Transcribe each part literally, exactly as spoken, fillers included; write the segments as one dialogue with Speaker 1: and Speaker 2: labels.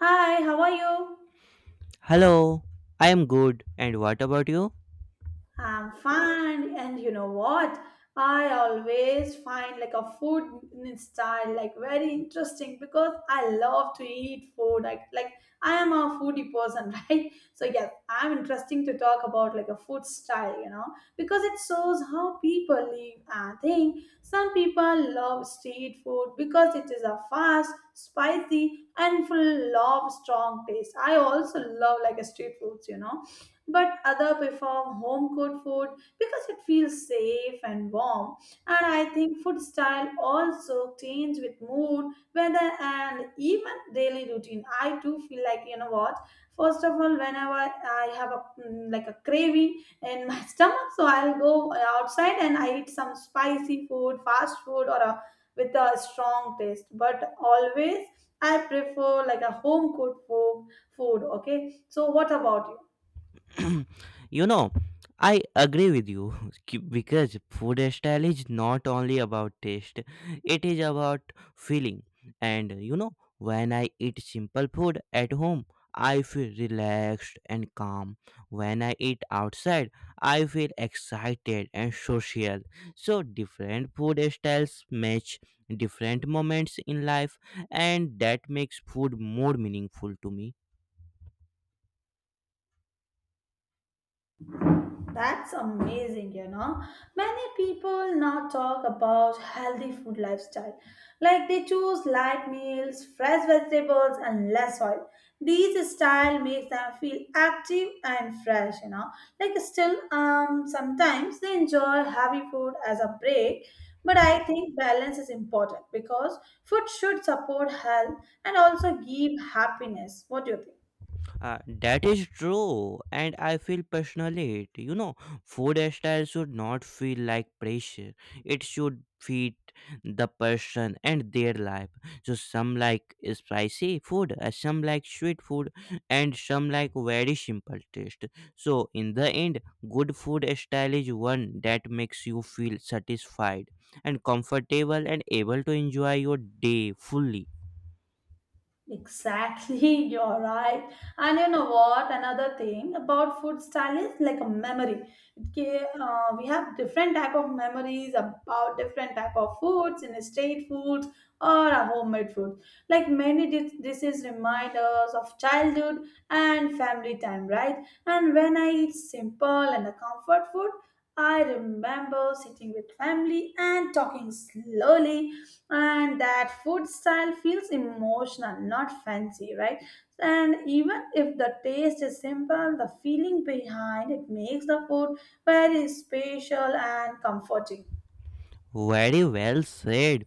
Speaker 1: Hi, how are you?
Speaker 2: Hello, I am good. And what about you?
Speaker 1: I'm fine. And you know what? I always find like a food in style like very interesting because I love to eat food. Like, like I am a foodie person, right? So yes, I'm interesting to talk about like a food style, you know, because it shows how people live and think. Some people love street food because it is a fast, spicy, and full of strong taste. I also love like a street foods, you know but other prefer home cooked food because it feels safe and warm. And I think food style also change with mood, weather, and even daily routine. I do feel like, you know what, first of all, whenever I have a mm, like a craving in my stomach, so I'll go outside and I eat some spicy food, fast food, or a with a strong taste. But always I prefer like a home cooked food food Okay, so what about you?
Speaker 2: You know, I agree with you ki- because food style is not only about taste, it is about feeling. And you know, when I eat simple food at home, I feel relaxed and calm. When I eat outside, I feel excited and social. So, different food styles match different moments in life, and that makes food more meaningful to me.
Speaker 1: That's amazing, you know. Many people now talk about healthy food lifestyle. Like they choose light meals, fresh vegetables, and less oil. These style makes them feel active and fresh, you know. Like still um sometimes they enjoy heavy food as a break, but I think balance is important because food should support health and also give happiness. What do you think?
Speaker 2: Uh, that is true, and I feel passionate. You know, food style should not feel like pressure. It should fit the person and their life. So some like spicy food, uh, some like sweet food, and some like very simple taste. So in the end, good food style is one that makes you feel satisfied and comfortable and able to enjoy your day fully.
Speaker 1: Exactly, you're right. And you know what? Another thing about food style is like a memory. It ca- Uh, we have different type of memories about different type of foods, in street foods or a homemade food. Like many dis- dishes remind us of childhood and family time, right? And when I eat simple and a comfort food, I remember sitting with family and talking slowly, and that food style feels emotional, not fancy, right? And even if the taste is simple, the feeling behind it makes the food very special and comforting.
Speaker 2: Very well said.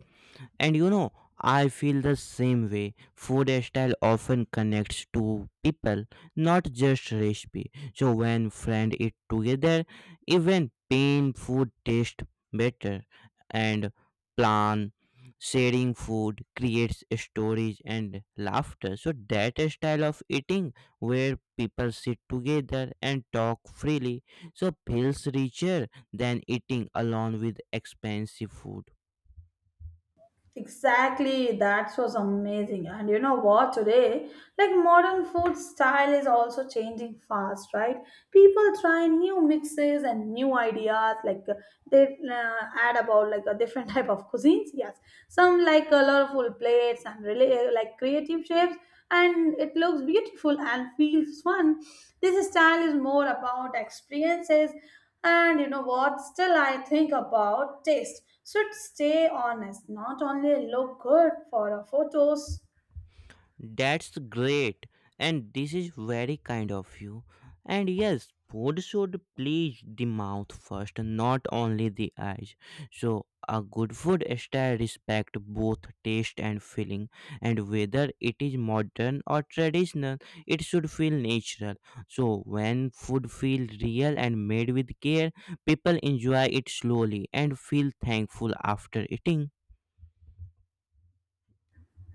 Speaker 2: And you know, I feel the same way. Food style often connects to people, not just recipe. So when friends eat together, even plain food tastes better. And plan sharing food creates stories and laughter. So that style of eating where people sit together and talk freely so feels richer than eating alone with expensive food.
Speaker 1: Exactly, that was amazing. And you know what, today, like modern food style is also changing fast, right? People try new mixes and new ideas, like uh, they uh, add about like a different type of cuisines. Yes, some like colorful plates and really uh, like creative shapes, and it looks beautiful and feels fun. This style is more about experiences, and you know what, still I think about taste should stay honest, not only look good for our photos.
Speaker 2: That's great, and this is very kind of you. And yes, food should please the mouth first, not only the eyes. So, a good food style respect both taste and feeling, and whether it is modern or traditional, it should feel natural. So, when food feels real and made with care, people enjoy it slowly and feel thankful after eating.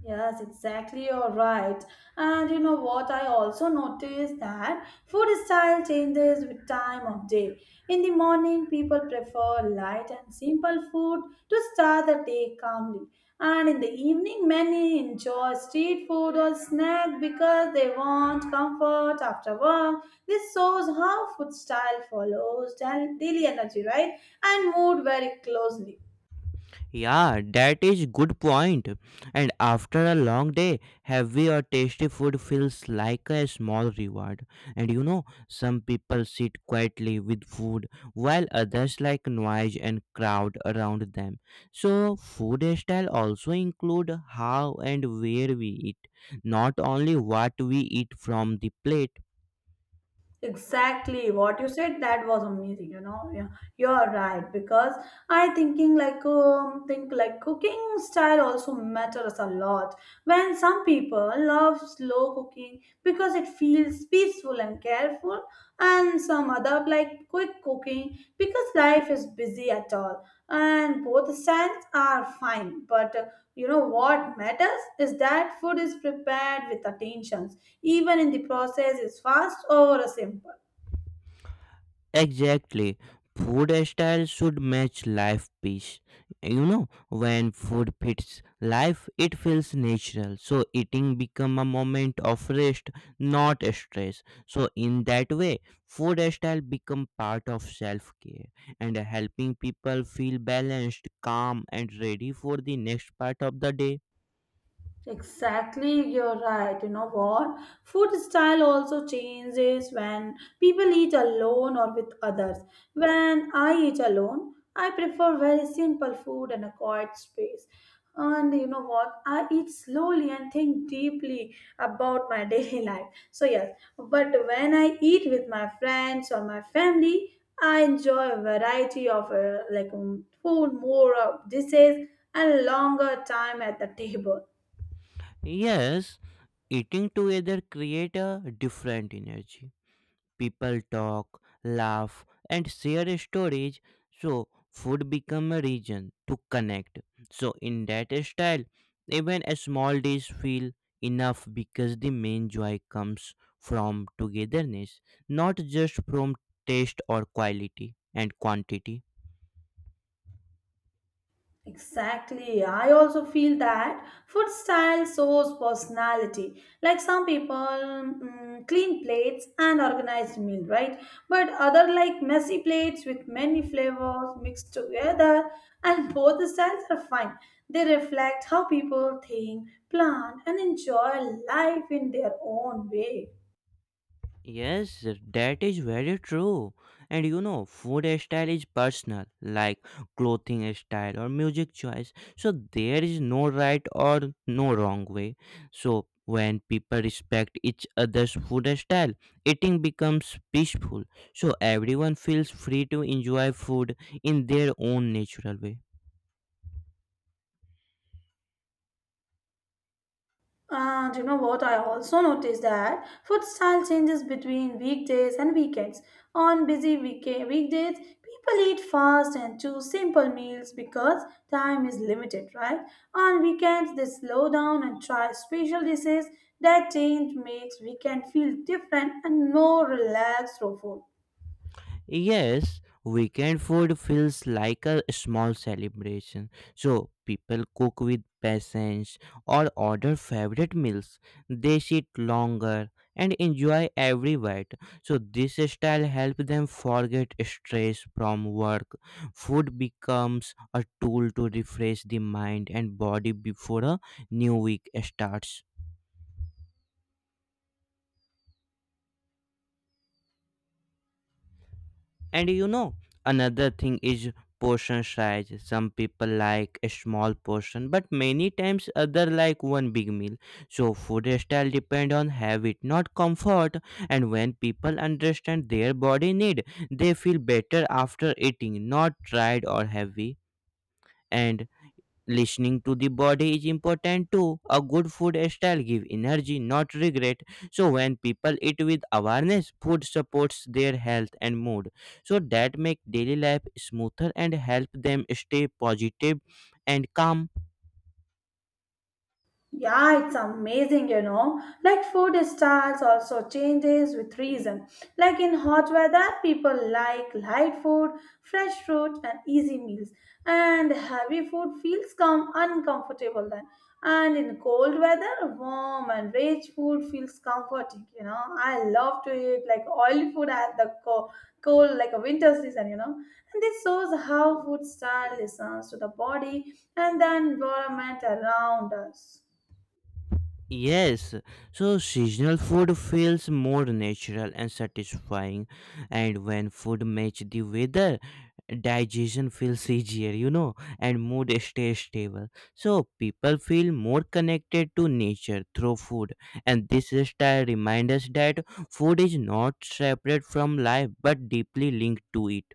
Speaker 1: Yes, exactly. You're right. And you know what? I also noticed that food style changes with time of day. In the morning, people prefer light and simple food to start the day calmly. And in the evening, many enjoy street food or snack because they want comfort after work. This shows how food style follows daily daily energy, right? And mood very closely.
Speaker 2: Yeah, that is good point. And after a long day, heavy or tasty food feels like a small reward. And you know, some people sit quietly with food, while others like noise and crowd around them. So, food style also include how and where we eat, not only what we eat from the plate.
Speaker 1: Exactly what you said. That was amazing. You know, yeah, you're right, because I thinking like um, think like cooking style also matters a lot. When some people love slow cooking because it feels peaceful and careful, and some other like quick cooking because life is busy at all. And both styles are fine, but uh, you know what matters is that food is prepared with attention, even in the process is fast or simple.
Speaker 2: Exactly. Food style should match life piece. You know, when food fits life, it feels natural. So eating become a moment of rest, not stress. So in that way, food style become part of self-care and helping people feel balanced, calm and ready for the next part of the day.
Speaker 1: Exactly, you're right. You know what? Food style also changes when people eat alone or with others. When I eat alone, I prefer very simple food and a quiet space. And you know what? I eat slowly and think deeply about my daily life. So, yes, but when I eat with my friends or my family, I enjoy a variety of uh, like um, food, more of dishes, and longer time at the table.
Speaker 2: Yes, eating together create a different energy. People talk, laugh, and share stories, so food become a reason to connect. So in that style, even a small dish feel enough because the main joy comes from togetherness, not just from taste or quality and quantity.
Speaker 1: Exactly. I also feel that food style shows personality. Like some people mm, clean plates and organized meal, right? But other like messy plates with many flavors mixed together, and both the styles are fine. They reflect how people think, plan, and enjoy life in their own way.
Speaker 2: Yes, that is very true. And you know, food style is personal, like clothing style or music choice. So there is no right or no wrong way. So when people respect each other's food style, eating becomes peaceful. So everyone feels free to enjoy food in their own natural way.
Speaker 1: And you know what? I also noticed that food style changes between weekdays and weekends. On busy week- weekdays, people eat fast and choose simple meals because time is limited, right? On weekends, they slow down and try special dishes. That change makes weekend feel different and more relaxed through food.
Speaker 2: Yes, weekend food feels like a small celebration. So people cook with patience or order favorite meals. They sit longer and enjoy every bite. So this style helps them forget stress from work. Food becomes a tool to refresh the mind and body before a new week starts. And you know, another thing is portion size. Some people like a small portion, but many times other like one big meal. So food style depend on habit, not comfort. And when people understand their body need, they feel better after eating, not tired or heavy. And listening to the body is important too, a good food style give energy not regret. So when people eat with awareness food supports their health and mood, so that make daily life smoother and help them stay positive and calm.
Speaker 1: Yeah, it's amazing, you know. Like food styles also changes with reason. Like in hot weather, people like light food, fresh fruit, and easy meals. And heavy food feels come uncomfortable then. And in cold weather, warm and rich food feels comforting, you know. I love to eat like oily food at the co- cold, like a winter season, you know. And this shows how food style listens to the body and the environment around us.
Speaker 2: Yes, so seasonal food feels more natural and satisfying, and when food match the weather, digestion feels easier, you know, and mood stays stable. So people feel more connected to nature through food, and this style reminds us that food is not separate from life but deeply linked to it.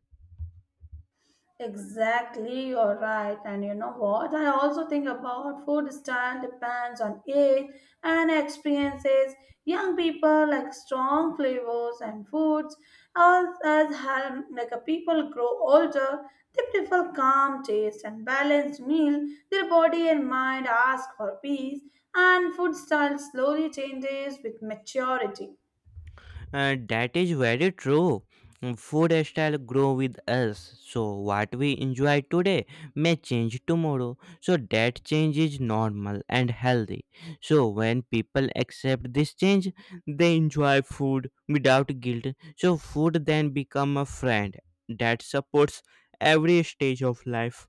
Speaker 1: Exactly, you're right. And you know what? I also think about food style depends on age and experiences. Young people like strong flavors and foods. As as hel- like a people grow older, they prefer calm taste and balanced meal. Their body and mind ask for peace, and food style slowly changes with maturity.
Speaker 2: Uh, that is very true. Mm, Food style grow with us. So what we enjoy today may change tomorrow. So that change is normal and healthy. So when people accept this change, they enjoy food without guilt. So food then become a friend that supports every stage of life.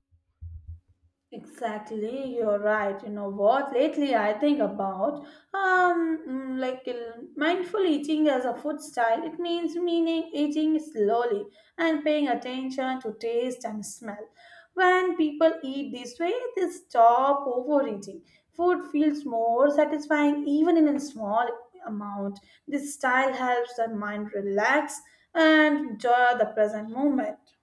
Speaker 1: Exactly, you're right. You know what? Lately, I think about um mm, like uh, mindful eating as a food style. It means meaning eating slowly and paying attention to taste and smell. When people eat this way, they stop overeating. Food feels more satisfying even in a small amount. This style helps the mind relax and enjoy the present moment.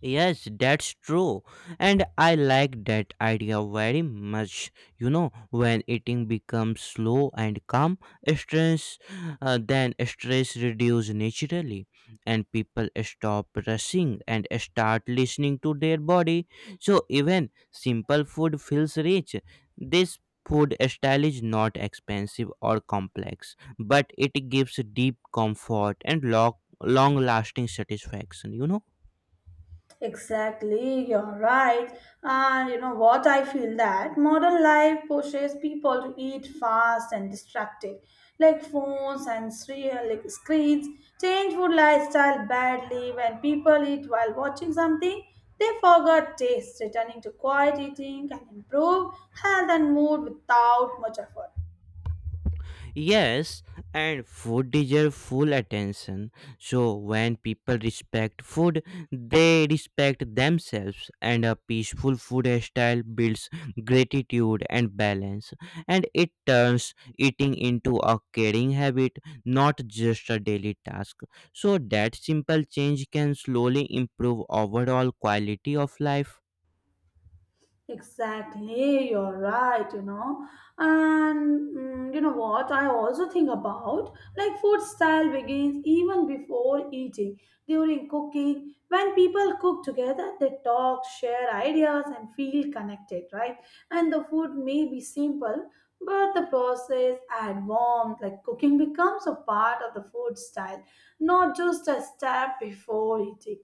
Speaker 2: Yes, that's true. And I like that idea very much. You know, when eating becomes slow and calm, stress uh, then stress reduces naturally and people stop rushing and start listening to their body. So even simple food feels rich. This food style is not expensive or complex, but it gives deep comfort and long long lasting satisfaction, you know.
Speaker 1: Exactly, you're right. And you know what? I feel that modern life pushes people to eat fast and distracted, like phones and serial, like screens. Change food lifestyle badly when people eat while watching something. They forgot taste, returning to quiet eating can improve health and mood without much effort.
Speaker 2: Yes, and food deserves full attention. So when people respect food, they respect themselves, and a peaceful food style builds gratitude and balance, and it turns eating into a caring habit, not just a daily task. So that simple change can slowly improve overall quality of life.
Speaker 1: Exactly, you're right, you know. And mm, you know what? I also think about like food style begins even before eating, during cooking. When people cook together, they talk, share ideas, and feel connected, right? And the food may be simple, but the process add warmth, like cooking becomes a part of the food style, not just a step before eating.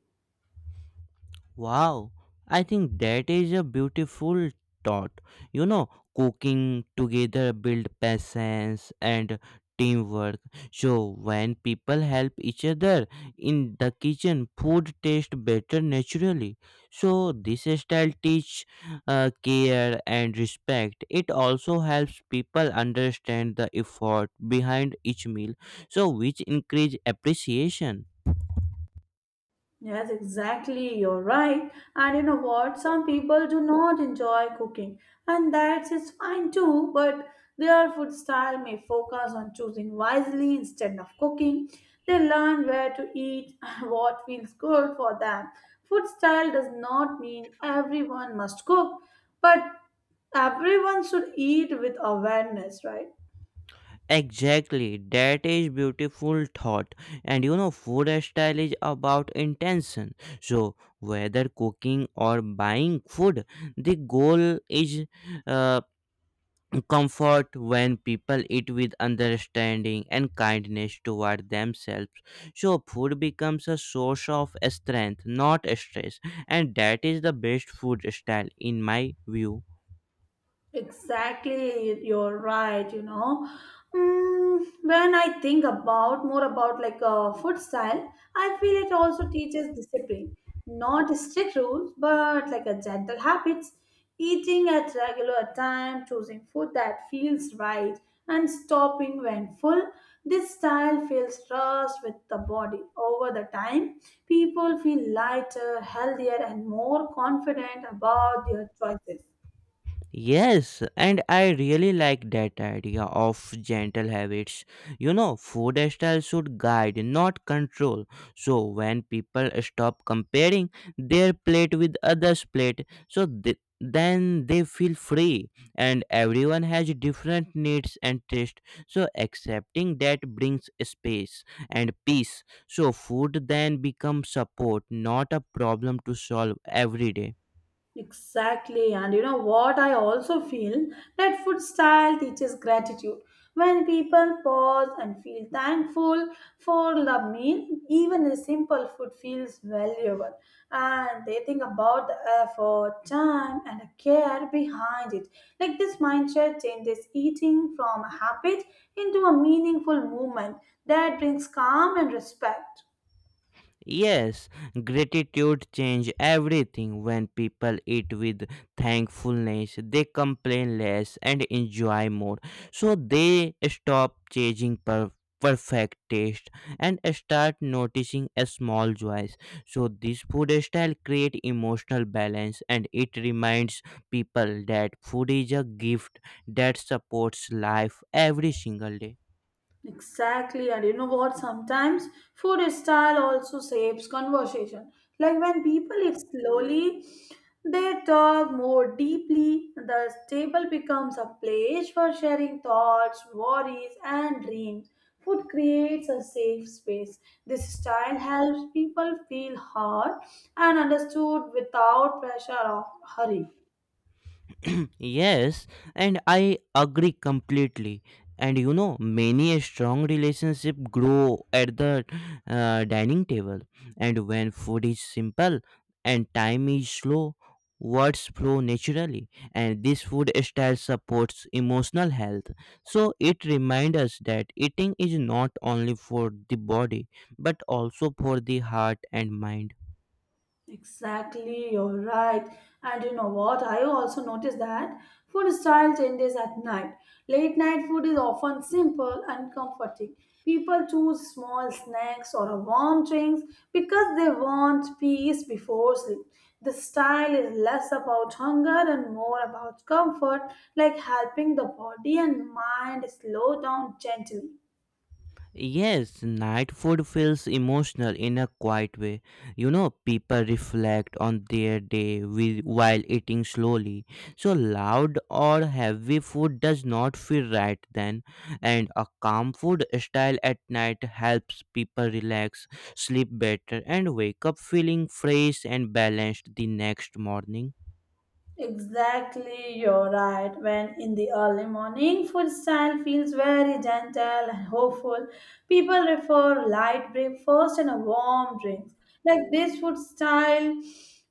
Speaker 2: Wow, I think that is a beautiful thought. You know, cooking together build patience and teamwork. So when people help each other in the kitchen, food tastes better naturally. So this style teach uh, care and respect. It also helps people understand the effort behind each meal, so which increase appreciation.
Speaker 1: Yes, exactly. You're right. And you know what? Some people do not enjoy cooking, and that is is fine too. But their food style may focus on choosing wisely instead of cooking. They learn where to eat and what feels good for them. Food style does not mean everyone must cook, but everyone should eat with awareness, right?
Speaker 2: Exactly, that is beautiful thought. And you know, food style is about intention. So, whether cooking or buying food, the goal is uh, comfort when people eat with understanding and kindness toward themselves. So, food becomes a source of strength, not stress. And that is the best food style, in my view.
Speaker 1: Exactly, you're right, you know. Mm, when I think about more about like a food style, I feel it also teaches discipline. Not strict rules, but like a gentle habits. Eating at regular time, choosing food that feels right, and stopping when full. This style feels trust with the body. Over the time, people feel lighter, healthier, and more confident about their choices.
Speaker 2: Yes, and I really like that idea of gentle habits. You know, food style should guide, not control. So when people stop comparing their plate with others' plate, so th- then they feel free, and everyone has different needs and taste, so accepting that brings space and peace. So food then becomes support, not a problem to solve every day.
Speaker 1: Exactly, and you know what? I also feel that food style teaches gratitude. When people pause and feel thankful for the meal, even a simple food feels valuable, and they think about the effort, time, and the care behind it. Like this mindset changes eating from a habit into a meaningful movement that brings calm and respect.
Speaker 2: Yes, gratitude changes everything. When people eat with thankfulness, they complain less and enjoy more. So they stop chasing per- perfect taste and start noticing a small joys. So this food style create emotional balance and it reminds people that food is a gift that supports life every single day.
Speaker 1: Exactly, and you know what? Sometimes food style also shapes conversation. Like when people eat slowly, they talk more deeply. The table becomes a place for sharing thoughts, worries, and dreams. Food creates a safe space. This style helps people feel heard and understood without pressure or hurry.
Speaker 2: Yes, and I agree completely. And you know, many a strong relationship grow at the uh, dining table. And when food is simple and time is slow, words flow naturally. And this food style supports emotional health. So it reminds us that eating is not only for the body but also for the heart and mind.
Speaker 1: Exactly, you're right. And you know what? I also noticed that food style changes at night. Late night food is often simple and comforting. People choose small snacks or a warm drinks because they want peace before sleep. The style is less about hunger and more about comfort, like helping the body and mind slow down gently.
Speaker 2: Yes, night food feels emotional in a quiet way. You know, people reflect on their day with, while eating slowly. So, loud or heavy food does not feel right then. And a calm food style at night helps people relax, sleep better, and wake up feeling fresh and balanced the next morning.
Speaker 1: Exactly, you're right. When in the early morning, food style feels very gentle and hopeful. People prefer light breakfast and a warm drink. Like this food style,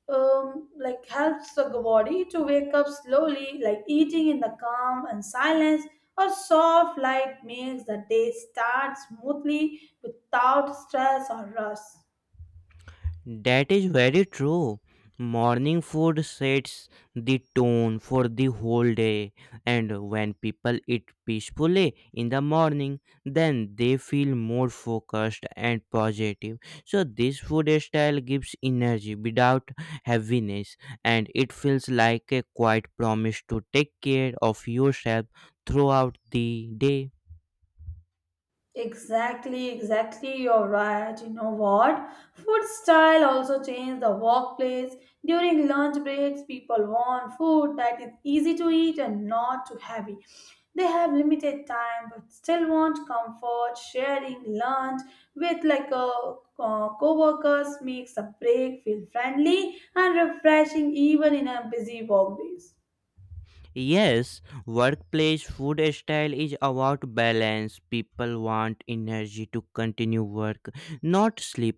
Speaker 1: um, like helps the body to wake up slowly. Like eating in the calm and silence or soft light makes the day start smoothly without stress or rush.
Speaker 2: That is very true. Morning food sets the tone for the whole day, and when people eat peacefully in the morning, then they feel more focused and positive. So, this food style gives energy without heaviness, and it feels like a quiet promise to take care of yourself throughout the day.
Speaker 1: Exactly, exactly. You're right. You know what? Food style also changed the workplace. During lunch breaks, people want food that is easy to eat and not too heavy. They have limited time but still want comfort. Sharing lunch with like a uh, co-workers makes a break feel friendly and refreshing even in a busy workdays.
Speaker 2: Yes, workplace food style is about balance. People want energy to continue work, not sleep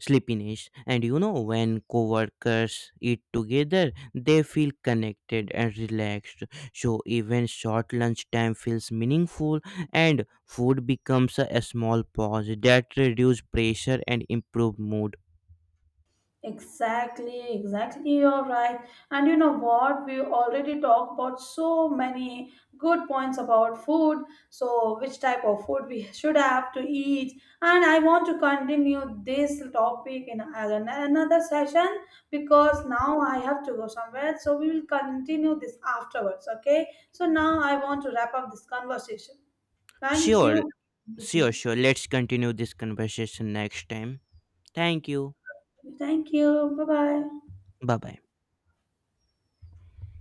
Speaker 2: sleepiness. And you know, when coworkers eat together, they feel connected and relaxed. So even short lunch time feels meaningful, and food becomes a a small pause that reduce pressure and improve mood.
Speaker 1: Exactly, exactly. You're right. And you know what? We already talked about so many good points about food. So, which type of food we should have to eat. And I want to continue this topic in an- another session because now I have to go somewhere. So, we will continue this afterwards. Okay. So, now I want to wrap up this conversation. Thank
Speaker 2: Sure,
Speaker 1: you with me.
Speaker 2: sure, sure. Let's continue this conversation next time. Thank you.
Speaker 1: Thank you. Bye bye.
Speaker 2: Bye bye.